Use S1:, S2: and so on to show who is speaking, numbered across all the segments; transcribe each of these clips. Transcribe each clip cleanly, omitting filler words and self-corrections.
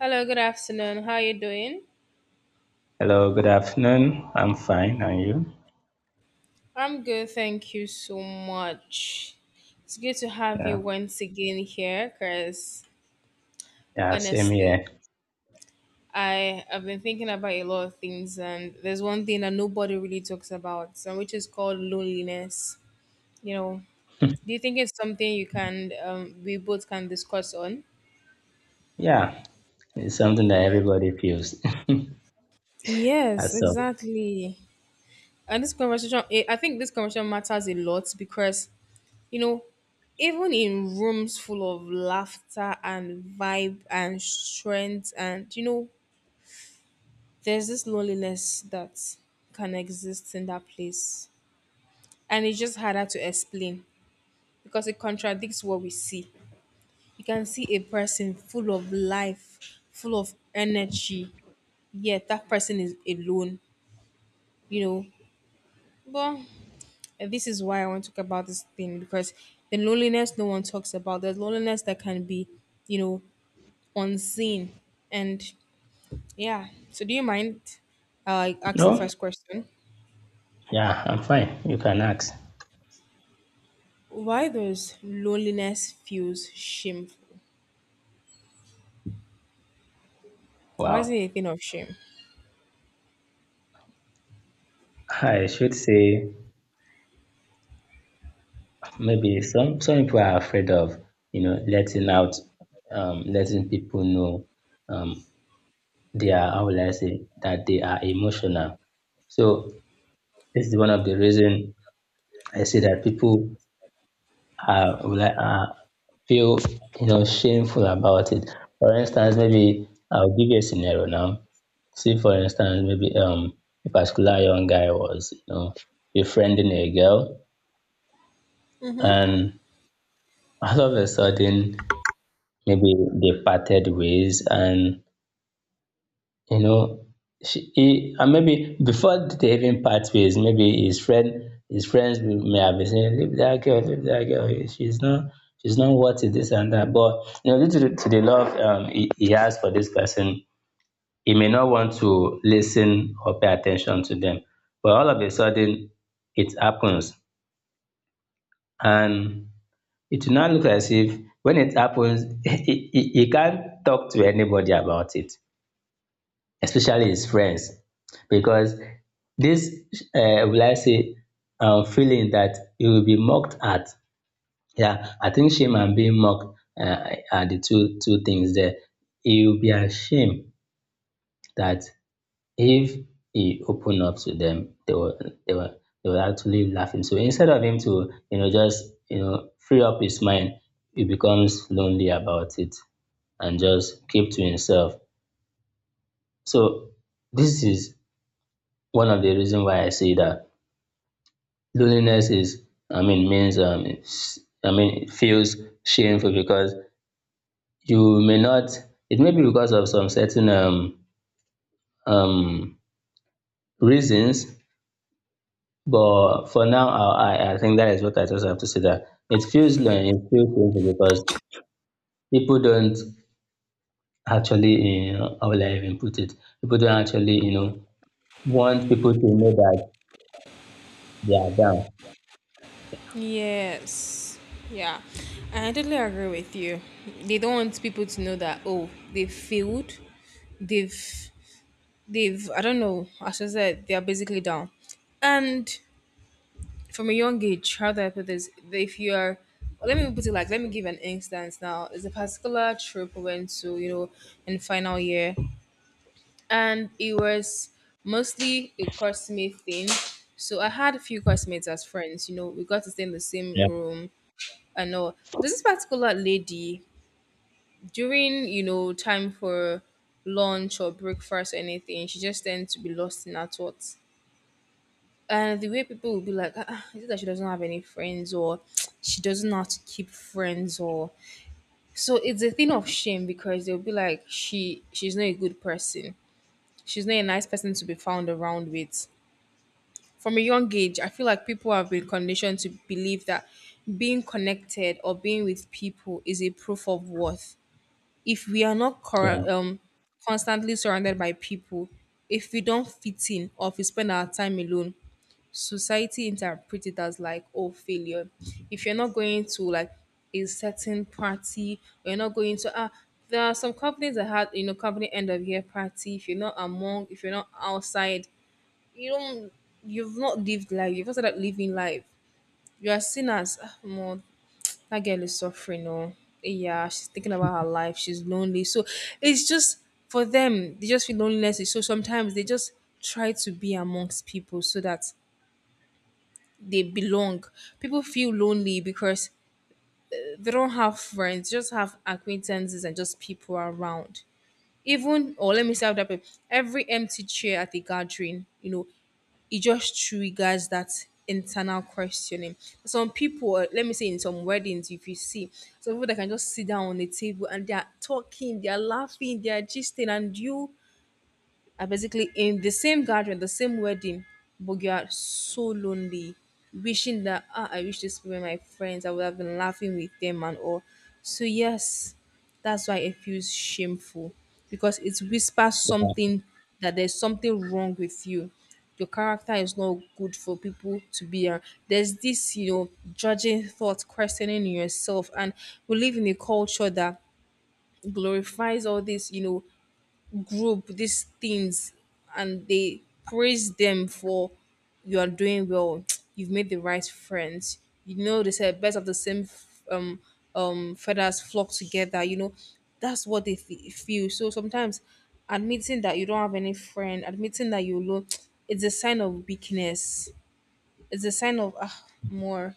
S1: Hello, good afternoon. How you doing?
S2: Hello, good afternoon. I'm fine. And you?
S1: I'm good, thank you so much. It's good to have you
S2: Yeah.
S1: once again here because
S2: Yeah, same
S1: honestly,
S2: here.
S1: I have been thinking about a lot of things, and there's one thing that nobody really talks about, and which is called loneliness. You know, do you think it's something we both can discuss on?
S2: Yeah, it's something that everybody feels.
S1: Yes,
S2: As so.
S1: exactly. And I think this conversation matters a lot because You know, even in rooms full of laughter and vibe and strength, and there's this loneliness that can exist in that place. And it's just harder to explain because it contradicts what we see. You can see a person full of life, full of energy, yet that person is alone, you know. But this is why I want to talk about this thing because the loneliness no one talks about, the loneliness that can be, you know, unseen. And yeah, so do you mind? I ask the
S2: No?
S1: first question.
S2: Yeah, I'm fine. You can ask.
S1: Why does loneliness feels shameful? Why is it
S2: Wow.
S1: a thing of shame?
S2: I should say maybe some people are afraid of, letting out letting people know um they are how will I say that they are emotional. So this is one of the reason I say that people uh, would I, uh, feel shameful about it. For instance, maybe I'll give you a scenario now. See, for instance, maybe, a particular young guy was befriending a girl, and all of a sudden maybe they parted ways, and you know she he and maybe before they even part ways maybe his friends may have been saying leave that girl, leave that girl, she's not worth it, this and that, but you know, due to the love, he has for this person, he may not want to listen or pay attention to them, but all of a sudden it happens, and it will now look as if when it happens he can't talk to anybody about it, especially his friends, because this, will I say, feeling that he will be mocked at. Yeah, I think shame and being mocked, are the two things there. He will be ashamed that if he open up to them, they will actually laugh him. So instead of him to, just, free up his mind, he becomes lonely about it and just keep to himself. So this is one of the reason why I say that loneliness is, I mean, means, it's- I mean, it feels shameful because you may not. It may be because of some certain um reasons, but for now, I think that is what I just have to say, that it feels shameful because people don't actually, you know, how will I even put it? People don't actually, you know, want people to know that they are down.
S1: Yes. Yeah. And I totally agree with you. They don't want people to know that oh, they've failed. They've they've I don't know, as I said, they are basically down. And from a young age, how do I put this? If you are, let me put it like, let me give an instance now. It's a particular trip we went to, in final year, and it was mostly a classmate thing. So I had a few classmates as friends, we got to stay in the same
S2: Yeah,
S1: room and all. There's This particular lady, during, time for lunch or breakfast or anything, she just tends to be lost in her thoughts, and the way people will be like, is it that she doesn't have any friends or she doesn't know how to keep friends or so it's a thing of shame because they'll be like she's not a good person. She's not a nice person to be found around with. From a young age, I feel like people have been conditioned to believe that being connected or being with people is a proof of worth. If we are not
S2: yeah,
S1: constantly surrounded by people, if we don't fit in or if we spend our time alone, society interpret it as like oh failure, if you're not going to like a certain party or you're not going to ah there are some companies that had company end of year party, if you're not outside, you don't you've not lived life, you've also not started living life, you are seen as more, that girl is suffering or yeah she's thinking about her life she's lonely, so it's just, for them they just feel loneliness is so, sometimes they just try to be amongst people so that they belong. People feel lonely because they don't have friends, just have acquaintances and just people around. Even or let me say how that way, every empty chair at a gathering, it just triggers that internal questioning. Some people, let me say in some weddings, if you see some people that can just sit down on the table and they are talking, they are laughing, they are gisting, and you are basically in the same gathering, the same wedding, but you are so lonely, wishing that I wish this were my friends. I would have been laughing with them and all. So yes, that's why it feels shameful because it whispers something, that there's something wrong with you. Your character is not good for people to be around. There's this, judging thought, questioning yourself, and we live in a culture that glorifies all this, group these things, and they praise them for, you are doing well. You've made the right friends, they said best of the same feathers flock together, that's what they feel. So sometimes admitting that you don't have any friend, admitting that you're alone, it's a sign of weakness, it's a sign of more,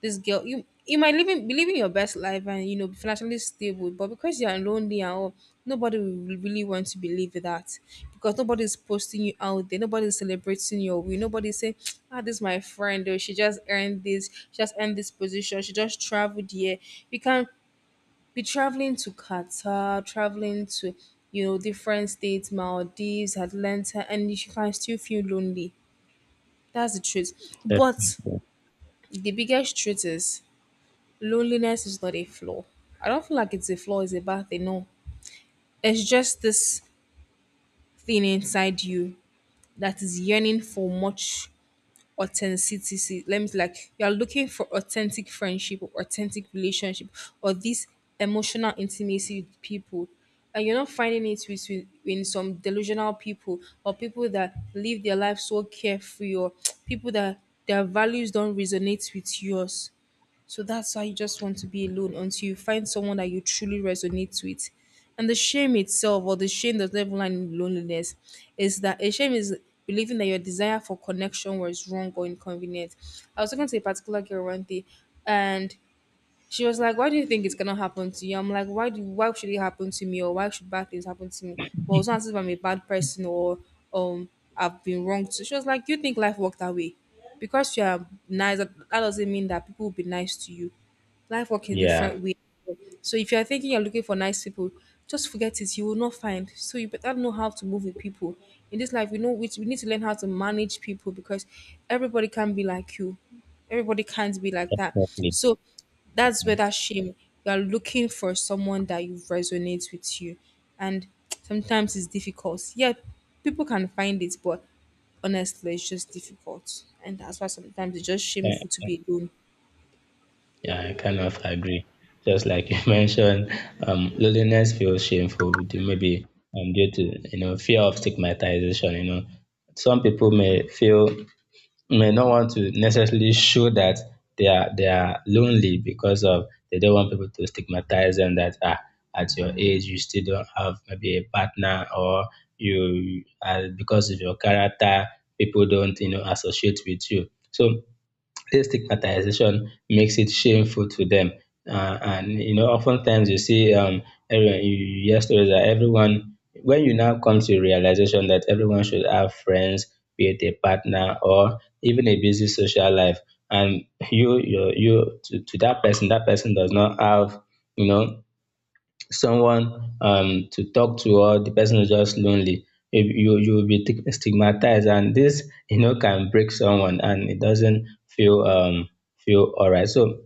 S1: this girl, you might living be living your best life and be financially stable, but because you're lonely and all, nobody will really want to believe that, because nobody's posting you out there, nobody's celebrating your win, nobody's saying this is my friend, or she just earned this position, she just traveled here. You can be traveling to Qatar, traveling to, different states, Maldives, Atlanta, and you can still feel lonely. That's the truth. But
S2: definitely.
S1: the biggest truth is, loneliness is not a flaw. I don't feel like it's a flaw, it's a bad thing. No, it's just this thing inside you that is yearning for much authenticity. Let me like You're looking for authentic friendship or authentic relationship, or this emotional intimacy with people. And you're not finding it with in some delusional people, or people that live their life so carefree, or people that their values don't resonate with yours. So that's why you just want to be alone until you find someone that you truly resonate with. And the shame itself, or the shame that doesn't even lie in loneliness, is that a shame is believing that your desire for connection was wrong or inconvenient. I was talking to a particular girl one day, and she was like, "Why do you think it's gonna happen to you?" I'm like, "Why do? Why should it happen to me? Or why should bad things happen to me? Well, it's not as if I'm a bad person or um I've been wronged." So she was like, "You think life worked that way? Because you are nice, that doesn't mean that people will be nice to you. Life work in
S2: Yeah,
S1: different way. So if you are thinking you're looking for nice people, just forget it. You will not find. So you better know how to move with people. In this life, we know which we need to learn how to manage people because everybody can be like you. Everybody can't be like that."
S2: definitely.
S1: So that's where that shame. You are looking for someone that you resonates with you, and sometimes it's difficult. Yeah, people can find it, but honestly, it's just difficult, and that's why sometimes it's just
S2: Yeah.
S1: shameful to be alone.
S2: Yeah, I kind of agree. Just like you mentioned, loneliness feels shameful, maybe due to, fear of stigmatization. You know, some people may feel, may not want to necessarily show that they are lonely because of they don't want people to stigmatize them, that ah, at your age you still don't have maybe a partner, or you, because of your character, people don't, you know, associate with you. So this stigmatization makes it shameful to them. And you know, oftentimes you see, everyone, you hear stories that everyone, when you now come to the realization that everyone should have friends, be it a partner or even a busy social life, and you to that person does not have, you know, someone, to talk to, or the person is just lonely, you will be stigmatized, and this, you know, can break someone, and it doesn't feel all right. So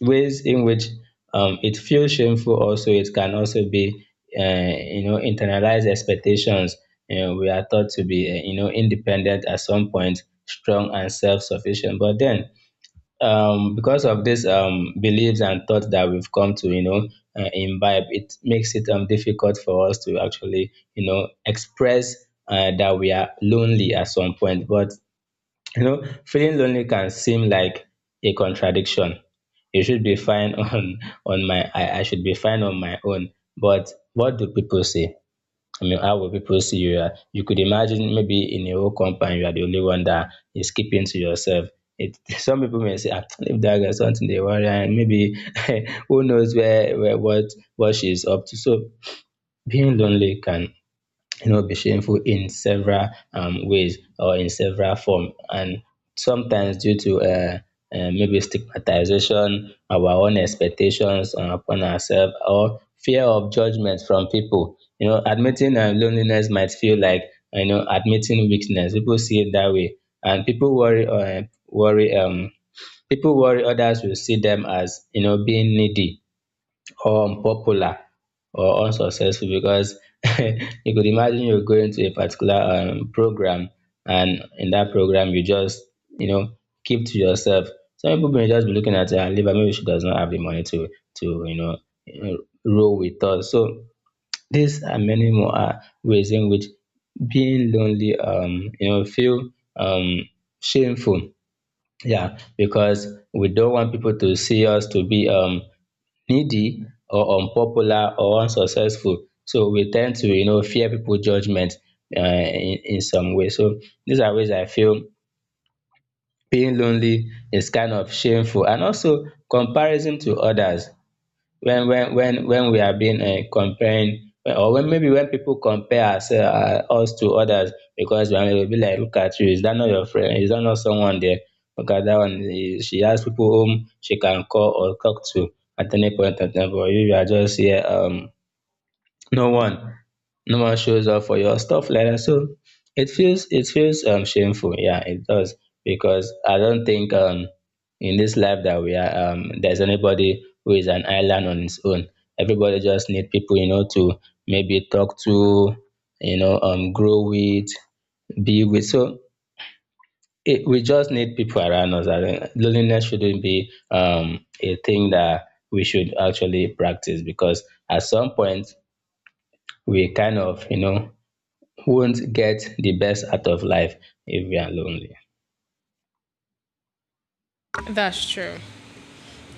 S2: ways in which, um, it feels shameful — also, it can also be, you know, internalized expectations. You know, we are thought to be, you know, independent at some point, strong and self-sufficient, but then, um, because of these, um, beliefs and thoughts that we've come to, you know, imbibe, it makes it, um, difficult for us to actually, you know, express, that we are lonely at some point. But you know, feeling lonely can seem like a contradiction. You should be fine on my I should be fine on my own, but what do people say? I mean, how will people see you? You could imagine, maybe in a whole company, you are the only one that is keeping to yourself. It, some people may say, "Ah, if that girl something they worry," and maybe who knows where what she's up to. So being lonely can, you know, be shameful in several, ways or in several form, and sometimes due to, maybe stigmatization, our own expectations, upon ourselves, or fear of judgment from people. You know, admitting, loneliness might feel like, you know, admitting weakness. People see it that way, and people worry others will see them as, you know, being needy or unpopular or unsuccessful, because you could imagine you're going to a particular, program, and in that program you just, you know, keep to yourself. Some people may just be looking at her liver, maybe she does not have the money to, you know, uh, roll with us. So these are many more, ways in which being lonely, you know, feel um shameful. Yeah, because we don't want people to see us to be, um, needy or unpopular or unsuccessful, so we tend to, you know, fear people judgment, in some way. So these are ways I feel being lonely is kind of shameful, and also comparison to others, when we are being, comparing, or when maybe when people compare us, us to others, because when will be like, look at you, is that not your friend, is that not someone there, look at that one, eh, she has people whom she can call or talk to at any point of time, but you are just here, um, no one no one shows up for your stuff like that. So it feels, um, shameful. Yeah, it does, because I don't think, um, in this life that we are, um, there's anybody who is an island on its own. Everybody just need people, you know, to maybe talk to, you know, um, grow with, be with. So it, we just need people around us. I think loneliness shouldn't be, um, a thing that we should actually practice, because at some point we kind of, you know, won't get the best out of life if we are lonely.
S1: That's true.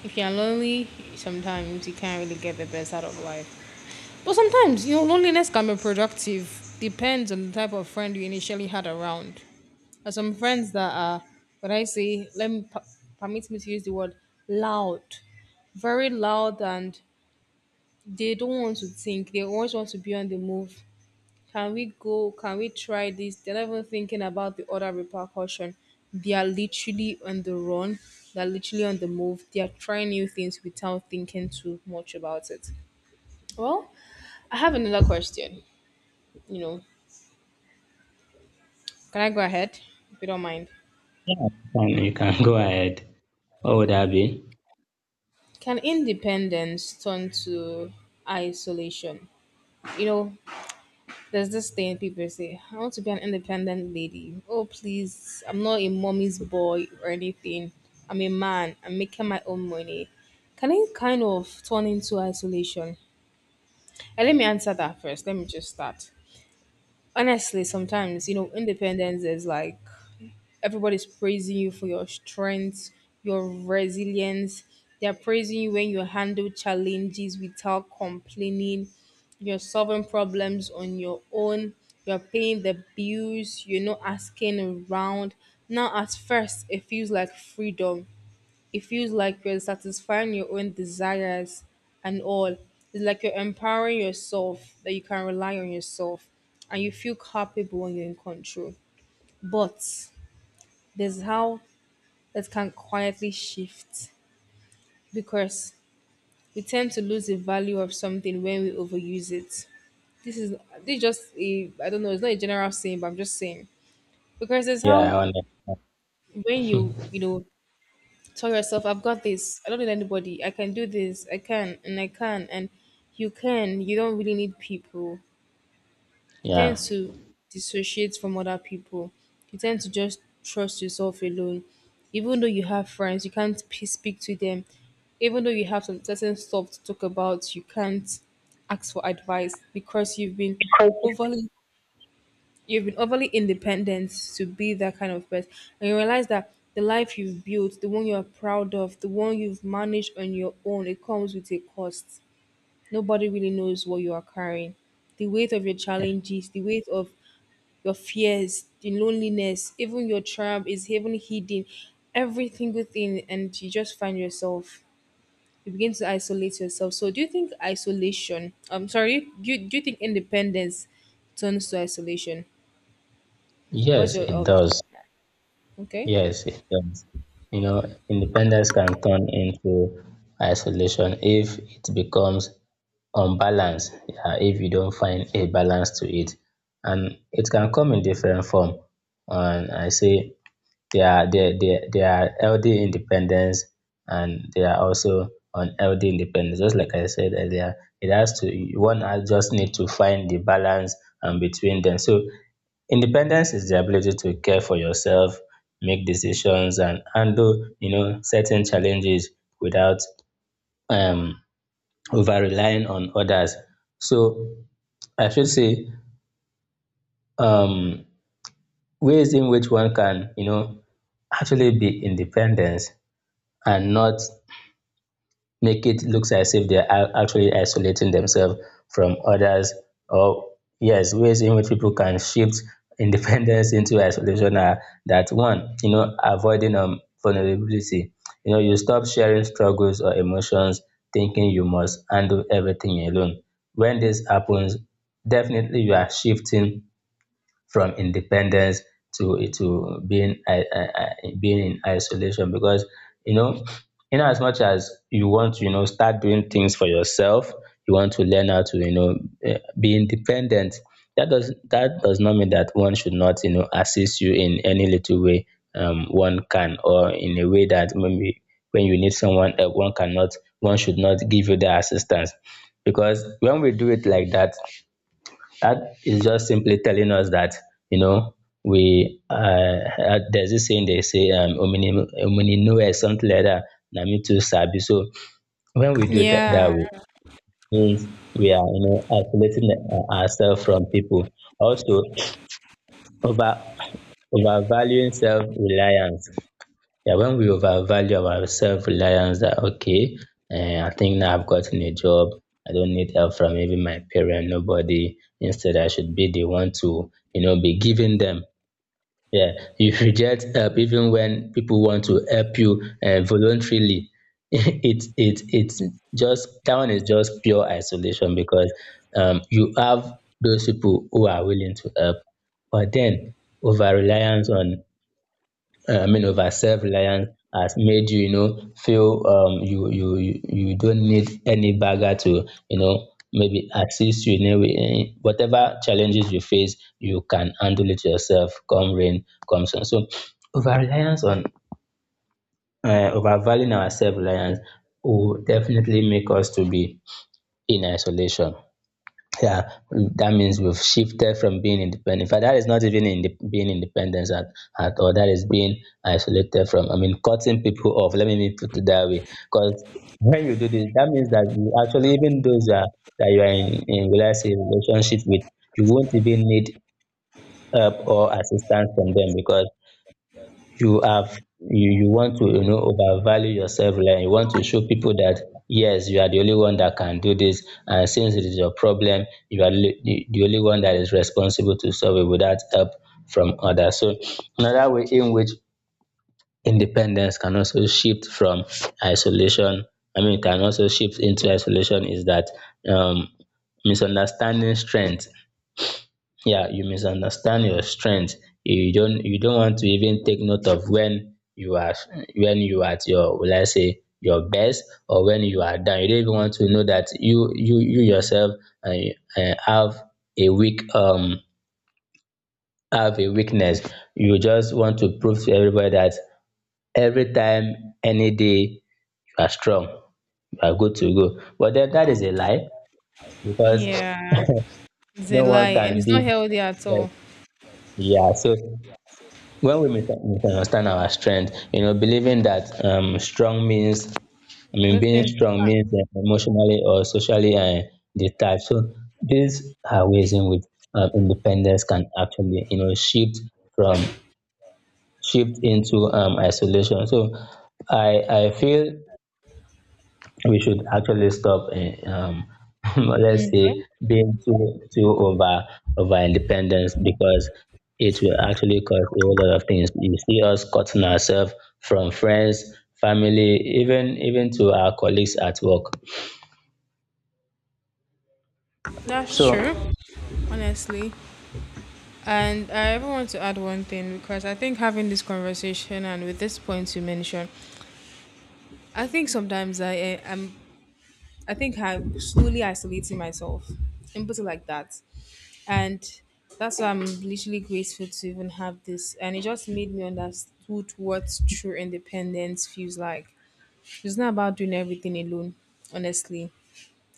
S1: If you're lonely, sometimes you can't really get the best out of life. But sometimes, loneliness can be productive. Depends on the type of friend you initially had around. There are some friends that are, when I say, let me permit me to use the word loud, very loud, and they don't want to think. They always want to be on the move. Can we go? Can we try this? They're not even thinking about the other repercussion. They are literally on the run. They're literally on the move. They are trying new things without thinking too much about it. Well, I have another question. You know, can I go ahead if you don't mind?
S2: Yeah, and you can go ahead. What would that be?
S1: Can independence turn to isolation? You know, There's this thing people say, I want to be an independent lady. Oh, please, I'm not a mommy's boy or anything. I'm a man. I'm making my own money. Can it kind of turn into isolation? And let me answer that first. Let me just start. Honestly, sometimes, independence is like everybody's praising you for your strength, your resilience. They're praising you when you handle challenges without complaining. You're solving problems on your own. You're paying the bills. You're not asking around. Now, at first, it feels like freedom. It feels like you're satisfying your own desires and all. It's like you're empowering yourself, that you can rely on yourself, and you feel capable when you're in control. But there's how that can quietly shift, because we tend to lose the value of something when we overuse it. This is this is just a, I don't know, it's not a general saying, but I'm just saying. Because it's
S2: Yeah,
S1: how
S2: I
S1: when
S2: understand.
S1: you, tell yourself, I've got this, I don't need anybody, I can do this, I can, and I can, and you can. You don't really need people. You tend
S2: Yeah.
S1: to dissociate from other people. You tend to just trust yourself alone. Even though you have friends, you can't speak to them. Even though you have some certain stuff to talk about, you can't ask for advice because overly you've been overly independent to be that kind of person. And you realize that the life you've built, the one you're proud of, the one you've managed on your own, it comes with a cost. Nobody really knows what you are carrying, the weight of your challenges, the weight of your fears, the loneliness, even your triumph is even hidden. Every single thing, and you just find yourself. You begin to isolate yourself. So, do you think isolation? I'm sorry. Do you think independence turns to isolation? What's
S2: Yes,
S1: your
S2: it
S1: um?
S2: does.
S1: Okay.
S2: Yes, it does. You know, independence can turn into isolation if it becomes unbalanced, yeah, if you don't find a balance to it. And it can come in different form. And I say they are, they are healthy independence, and they are also unhealthy independence. Just like I said earlier, it has to — one has just need to find the balance, between them. So independence is the ability to care for yourself, make decisions, and handle, you know, certain challenges without, um, over relying on others. So I should say, um, ways in which one can, you know, actually be independent and not make it looks as if they're actually isolating themselves from others, or yes, ways in which people can shift independence into isolation are that one, you know, avoiding, um, vulnerability, you know, you stop sharing struggles or emotions, thinking you must handle everything alone. When this happens, definitely you are shifting from independence to being, being in isolation because, you know, in as much as you want to, you know, start doing things for yourself, you want to learn how to, you know, eh, be independent, that does not mean that one should not, you know, assist you in any little way, one can, or in a way that maybe when you need someone help, one cannot, one should not give you the assistance. Because when we do it like that, that is just simply telling us that, you know, we, there's this saying they say, um, omini, omini know something like that, na me too sabi. So when we do that that
S1: Yeah,
S2: way, means we are, you know, isolating, ourselves from people. Also, over overvaluing self-reliance. Yeah, when we overvalue our self-reliance, that okay, I think now I've gotten a job, I don't need help from even my parent, nobody. Instead, I should be the one to, you know, be giving them. Yeah, you reject help even when people want to help you, voluntarily. It's just that one is just pure isolation because you have those people who are willing to help, but then over reliance on over self-reliance has made you, you know, feel you don't need any bagger to, you know, maybe assist you in a way in whatever challenges you face. You can handle it yourself, come rain come sun. So over-reliance on, um overvaluing our self-reliance will definitely make us to be in isolation. Yeah, that means we've shifted from being independent. In fact, that is not even in being independent at, all. That is being isolated from, I mean, cutting people off, let me put it that way. Because when you do this, that means that you actually, even those that, you are in, let's say relationship with, you won't even need help or assistance from them, because you have, you want to, you know, overvalue yourself. Like you want to show people that yes, you are the only one that can do this, and since it is your problem, you are li- the only one that is responsible to solve it without help from others. So another way in which independence can also shift from isolation, I mean, can also shift into isolation is that, um misunderstanding strength. Yeah, you misunderstand your strength. You don't want to even take note of when you are, when you are at your will, I say, your best, or when you are down. You don't even want to know that you, yourself uh, have a weak, have a weakness. You just want to prove to everybody that every time, any day, you are strong, you are good to go. But then that is a lie, because
S1: yeah, it's a
S2: no one
S1: lie, and
S2: can
S1: it's
S2: be.
S1: not healthy at all.
S2: Yeah, so when we misunderstand our strength, you know, believing that, strong means, I mean,
S1: Those
S2: being
S1: things.
S2: strong means emotionally or socially detached. So these are ways in which, independence can actually, you know, shift from, shift into, isolation. So I feel we should actually stop, let's say being too over, over independence, because it will actually cause a whole lot of things. You see us cutting ourselves from friends, family, even to our colleagues at work.
S1: That's
S2: So
S1: true, honestly. And I ever want to add one thing because I think having this conversation and with this point you mentioned, I think sometimes am I think I'm slowly isolating myself and put it like that. And that's why I'm literally grateful to even have this. And it just made me understood what true independence feels like. It's not about doing everything alone, honestly.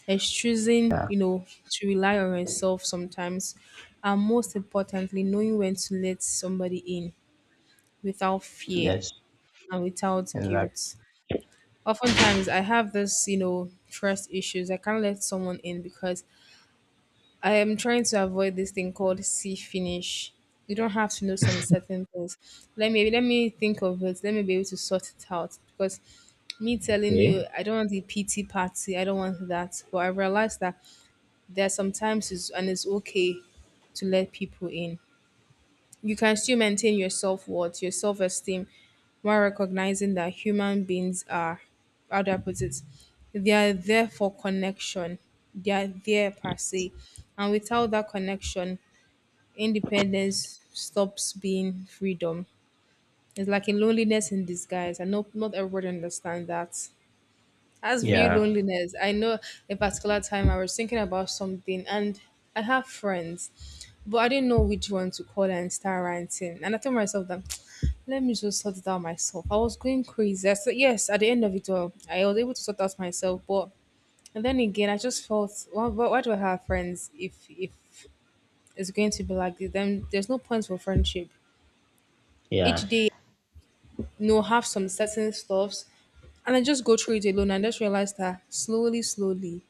S1: It's choosing,
S2: yeah.
S1: you know, to rely on yourself sometimes. And most importantly, knowing when to let somebody in without fear
S2: Yes.
S1: and without
S2: Exactly.
S1: guilt. Oftentimes, I have this, you know, trust issues. I can't let someone in because I am trying to avoid this thing called see finish. You don't have to know some certain things. Let me think of it. Let me be able to sort it out because me telling you
S2: Okay.
S1: I don't want the PT party. I don't want that. But I realize that there are sometimes it's and it's okay to let people in. You can still maintain your self-worth, your self-esteem, while recognizing that human beings are, how do I put it? They are there for connection. They are there per se. And without that connection, independence stops being freedom. It's like a loneliness in disguise. And not everybody understands that. As real
S2: yeah
S1: loneliness, I know a particular time I was thinking about something and I have friends, but I didn't know which one to call and start ranting. And I told myself that let me just sort it out myself. I was going crazy. I said yes, at the end of it all, I was able to sort out myself, but and then again I just felt why do I have friends if it's going to be like this? Then there's no point for friendship.
S2: yeah
S1: Each day you know, have some certain stuffs and I just go through it alone and just realize that slowly, slowly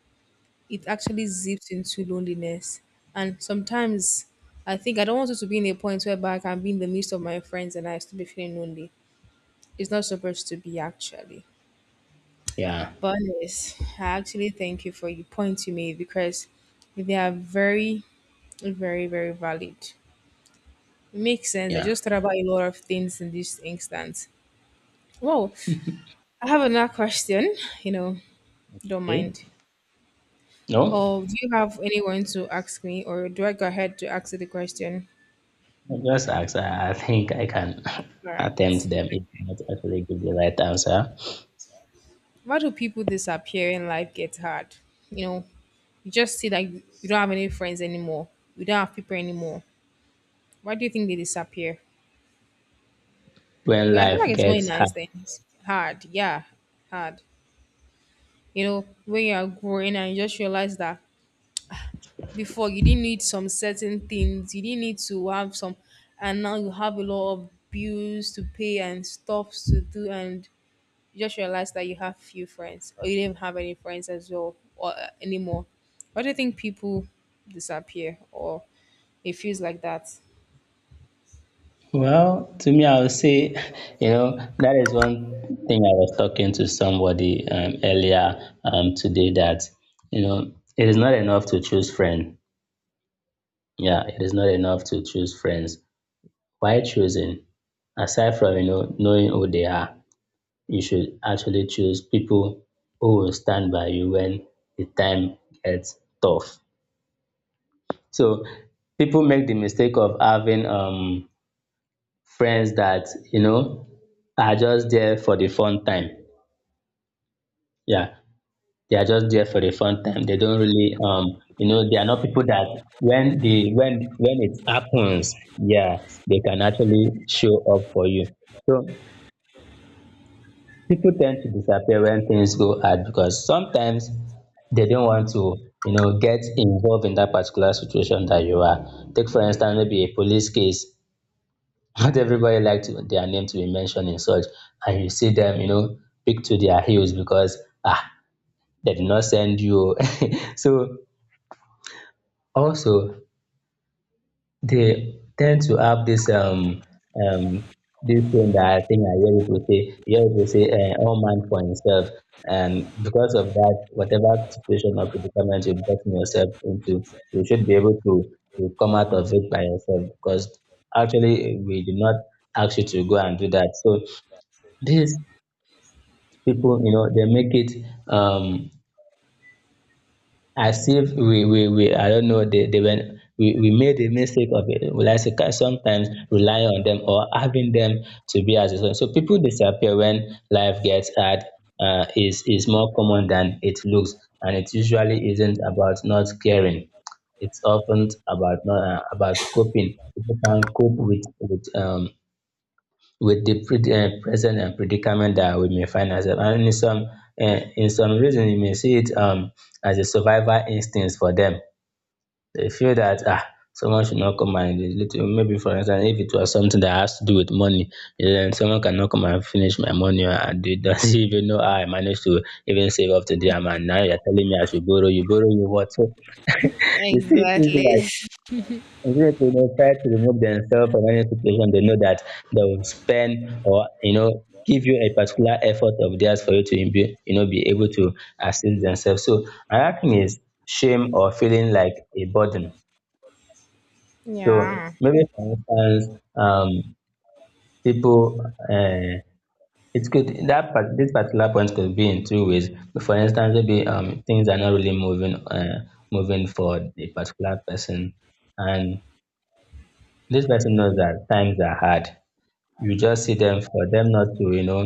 S1: it actually zips into loneliness. And sometimes I think I don't want it to be in a point whereby I can be in the midst of my friends and I still be feeling lonely. It's not supposed to be actually.
S2: yeah
S1: But yes, I actually thank you for your points you made because they are very valid. It makes sense. I
S2: yeah
S1: just thought about a lot of things in this instance. Well, I have another question, you know, don't
S2: Okay.
S1: mind.
S2: No,
S1: Or do you have anyone to ask me, or do I go ahead to ask you the question?
S2: just ask. I think I can
S1: All right.
S2: attempt them, if not actually give the right answer.
S1: Why do people disappear when life gets hard? You know, you just see that you don't have any friends anymore. You don't have people anymore. Why do you think they disappear?
S2: When
S1: Well, I feel like
S2: life
S1: it's not a
S2: gets
S1: nice
S2: hard?
S1: thing. It's hard. Yeah, hard. You know, when you are growing and you just realize that before you didn't need some certain things, you didn't need to have some, and now you have a lot of bills to pay and stuff to do, and you just realize that you have few friends or you didn't have any friends as well or anymore. Why do you think people disappear or it feels like that?
S2: Well, to me, I would say, you know, that is one thing I was talking to somebody, earlier, today, that, you know, it is not enough to choose friends. Yeah, it is not enough to choose friends. Why choosing? Aside from, you know, knowing who they are, you should actually choose people who will stand by you when the time gets tough. So people make the mistake of having, friends that, you know, are just there for the fun time. Yeah, they are just there for the fun time. They don't really, you know, they are not people that when the when it happens, yeah, they can actually show up for you. So people tend to disappear when things go hard, because sometimes they don't want to, you know, get involved in that particular situation that you are. Take for instance maybe a police case. Not everybody like to, their name to be mentioned in such, and you see them, you know, pick to their heels, because ah, they did not send you. So also, they tend to have this, um this thing that I think I hear people say, all man for himself, and because of that, whatever situation or predicament you've gotten yourself into, you should be able to come out of it by yourself, because actually we did not ask you to go and do that. So this people, you know, they make it, um as if we we I don't know, they went we made a mistake of it, well, I say, sometimes rely on them or having them to be as a source. So people disappear when life gets hard, is more common than it looks, and it usually isn't about not caring. It's often about not, about coping. People can cope with, with the present, predicament that we may find ourselves. And in some, in some reason, you may see it, as a survival instinct for them. They feel that ah, someone should not come and little, maybe for instance, if it was something that has to do with money, then someone cannot come and finish my money, and they don't even know how I managed to even save up to the amount. Now you're telling me I should borrow you what? You see things
S1: Exactly.
S2: like. Exactly. They try to remove themselves from any situation they know that they will spend, or you know, give you a particular effort of theirs for you to be, you know, be able to assist themselves. So another thing is shame or feeling like a burden. So
S1: Yeah.
S2: maybe for instance, people, uh, it could that part, this particular point could be in two ways. For instance, maybe, things are not really moving, moving for a particular person, and this person knows that times are hard. You just see them, for them not to, you know,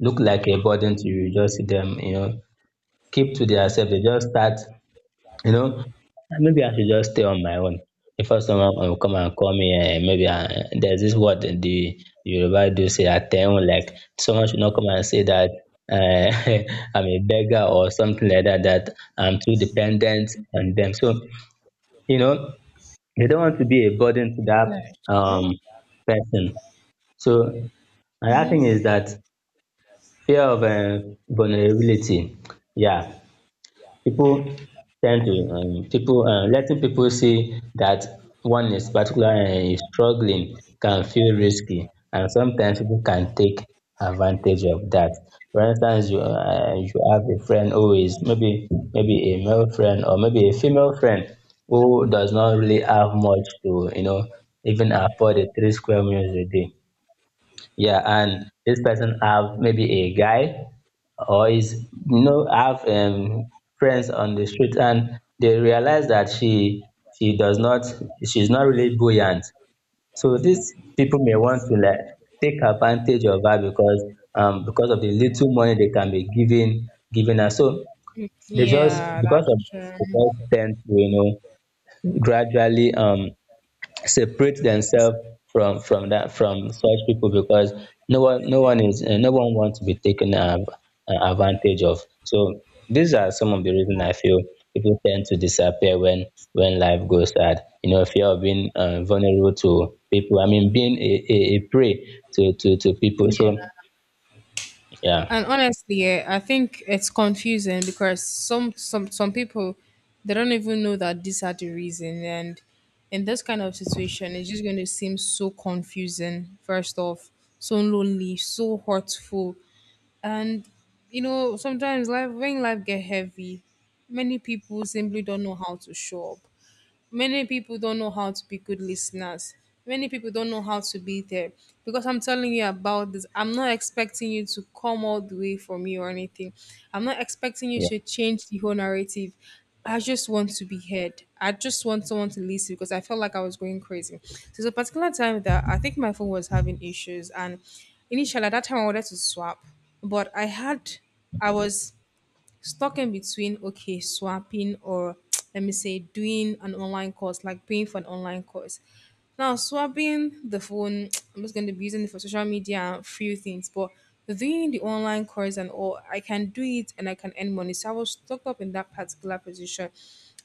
S2: look like a burden to you. You just see them, you know, keep to themselves. They just start, you know, "Ah, maybe I should just stay on my own before someone will come and call me, eh, maybe, there's this word that the Yoruba do say, atehun, like, someone should not come and say that, uh, I'm a beggar or something like that, that I'm too dependent on them." So, you know, they don't want to be a burden to that, um
S1: That's true.
S2: person. So another thing
S1: Hmm.
S2: is that: fear of, vulnerability. Yeah, people tend to, people, letting people see that one is particular and is struggling can feel risky, and sometimes people can take advantage of that. For instance, you, you have a friend who is maybe, a male friend or maybe a female friend who does not really have much to, you know, even afford a three square meals a day. Yeah, and this person have maybe a guy, or is, you know, have, friends on the street, and they realize that she, does not, she's not really buoyant. So these people may want to like take advantage of her, because, because of the little money they can be giving her. So they just,
S1: Yeah,
S2: because
S1: that's
S2: of, the
S1: true.
S2: boys tend to, you know, gradually, separate themselves from that from such people, because no one, is, no one wants to be taken, advantage of. So these are some of the reasons I feel people tend to disappear when, life goes sad. You know, fear of being, vulnerable to people, I mean, being a prey to, to people. So
S1: Yeah,
S2: yeah.
S1: and honestly, I think it's confusing because some people they don't even know that these are the reason, and in this kind of situation, it's just going to seem so confusing. First off, so lonely, so hurtful, and you know sometimes life when life get heavy, many people simply don't know how to show up. Many people don't know how to be good listeners. Many people don't know how to be there because I'm telling you about this. I'm not expecting you to come all the way for me or anything. I'm not expecting you
S2: Yeah,
S1: to change the whole narrative. I just want to be heard. I just want someone to listen because I felt like I was going crazy. So there's a particular time that I think my phone was having issues, and initially at that time I wanted to swap, but I had, I was stuck in between okay swapping or let me say doing an online course, like paying for an online course, now swapping the phone. I'm just going to be using it for social media and few things, but doing the online course and all I can do it and I can earn money. So I was stuck up in that particular position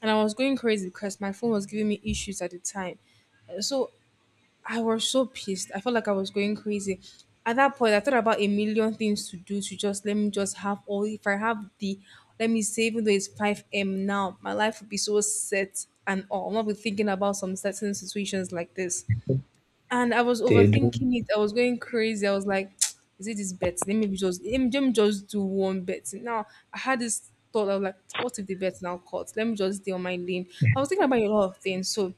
S1: and I was going crazy because my phone was giving me issues at the time. So I was so pissed. I felt like I was going crazy. At that point, I thought about a million things to do to just let me just have all. If I have the, let me say, even though it's 5M now, my life would be so set and all. I'm not be thinking about some certain situations like this. And I was
S2: they do.
S1: overthinking it. I was going crazy. I was like, is it this bet? Let me just do one bet. Now, I had this thought. I was like, what if the bet now caught? Let me just stay on my lane. I was thinking about a lot of things. So,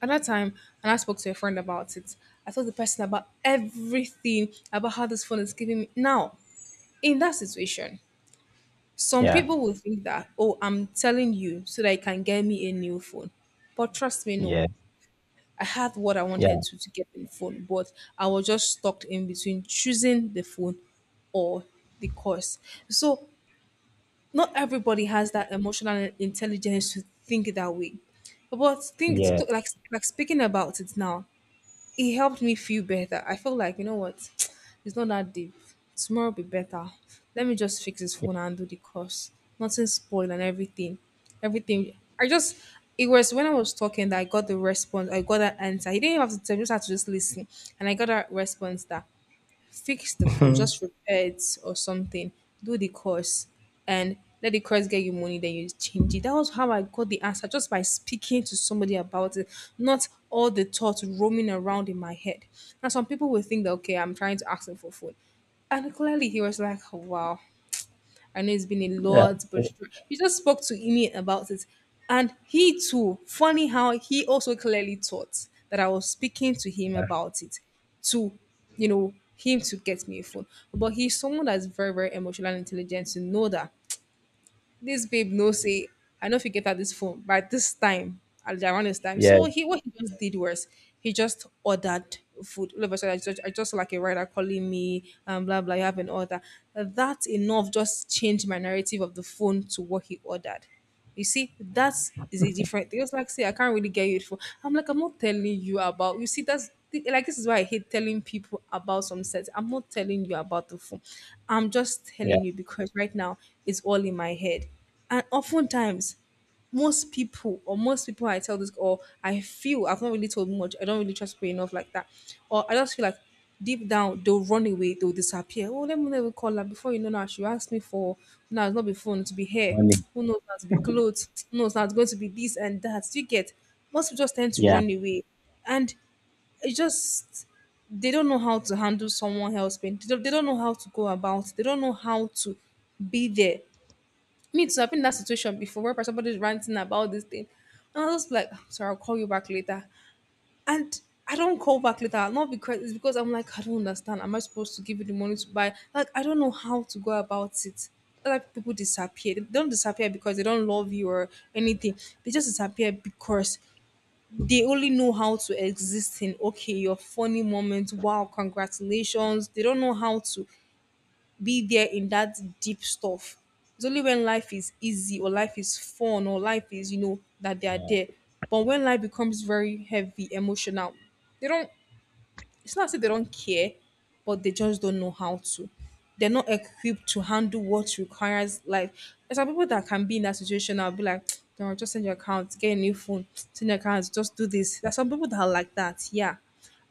S1: at that time, and I spoke to a friend about it, I told the person about everything about how this phone is giving me. Now, in that situation, some
S2: Yeah.
S1: people will think that, oh, I'm telling you so that you can get me a new phone. But trust me, no.
S2: yeah
S1: I had what I wanted
S2: yeah
S1: to get the phone, but I was just stuck in between choosing the phone or the course. So not everybody has that emotional intelligence to think that way. But think
S2: yeah
S1: like speaking about it now, it helped me feel better. I felt like, you know what, it's not that deep. Tomorrow will be better. Let me just fix this phone and do the course. Nothing spoiled and everything. Everything. I just, it was when I was talking that I got the response. I got that answer. He didn't even have to tell me, just had to just listen. And I got that response that fix the phone, just repair it or something, do the course, and let the course get you money, then you change it. That was how I got the answer just by speaking to somebody about it, not all the thoughts roaming around in my head. Now, some people will think that, okay, I'm trying to ask him for food. And clearly, he was like, wow, I know it's been a
S2: yeah
S1: lot, but you just spoke to me about it. And he too, funny how he also clearly thought that I was speaking to him about it to, you know, him to get me a phone. But he's someone that's very emotional and intelligent to know that this babe no say I know if you get her this phone by this time at around this time.
S2: yeah
S1: So he what he just did was he just ordered food. All of a sudden, I just saw, like a rider calling me and blah blah. You have an order. That enough just changed my narrative of the phone to what he ordered. You see, that is a different thing. It's like, say, I can't really get you for. I'm like, I'm not telling you about. You see, like this is why I hate telling people about some sets. I'm not telling you about the phone. I'm just
S2: yeah
S1: telling you because right now it's all in my head. And oftentimes most people or most people I tell this or I feel I've not really told much. I don't really trust people enough like that. Or I just feel like deep down they'll run away, they'll disappear. Oh, let me never call her before you know now. She asked me for now it's not be phone, to be hair.
S2: Money.
S1: Who knows now to be clothes? Who knows now it's going to be this and that. You get most people just tend to run away. And it just they don't, know how to handle someone else's pain. they don't know how to go about. They don't know how to be there. Me too, I've been in that situation before where somebody's ranting about this thing. And I was like, "I'm sorry, I'll call you back later." And I don't call back later, not because it's because I'm like, I don't understand. Am I supposed to give you the money to buy? Like, I don't know how to go about it. Like people disappear. They don't disappear because they don't love you or anything. They just disappear because they only know how to exist in okay, your funny moments. Wow, congratulations. They don't know how to be there in that deep stuff. It's only when life is easy or life is fun or life is, you know, that they are there. But when life becomes very heavy, emotional, they don't, it's not as if they don't care, but they just don't know how to. They're not equipped to handle what requires life. There's some people that can be in that situation. I'll be like, don't just send your account, get a new phone, send your account, just do this. There's some people that are like that. Yeah.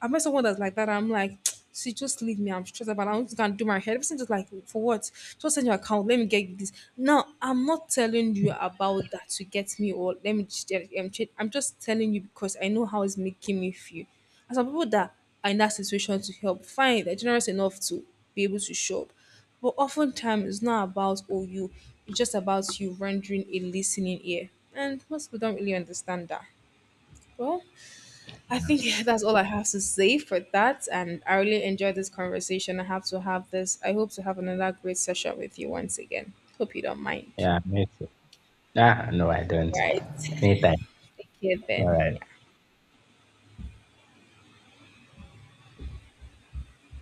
S1: I met someone that's like that. I'm like, see, just leave me. I'm stressed about it. I'm just gonna do my hair. Everything's just like, for what? Just send your account. Let me get this. Now, I'm not telling you about that to get me or I'm just telling you because I know how it's making me feel. And some people that are in that situation to help, fine, they're generous enough to be able to show up. But oftentimes, it's not about oh you, it's just about you rendering a listening ear. And most people don't really understand that. Well, I think that's all I have to say for that. And I really enjoyed this conversation. I have to have this. I hope to have another great session with you once again. Hope you don't mind.
S2: Yeah, me too. Ah, no, I don't.
S1: Right.
S2: Anytime.
S1: Okay,
S2: All
S1: then.
S2: right.
S1: Yeah.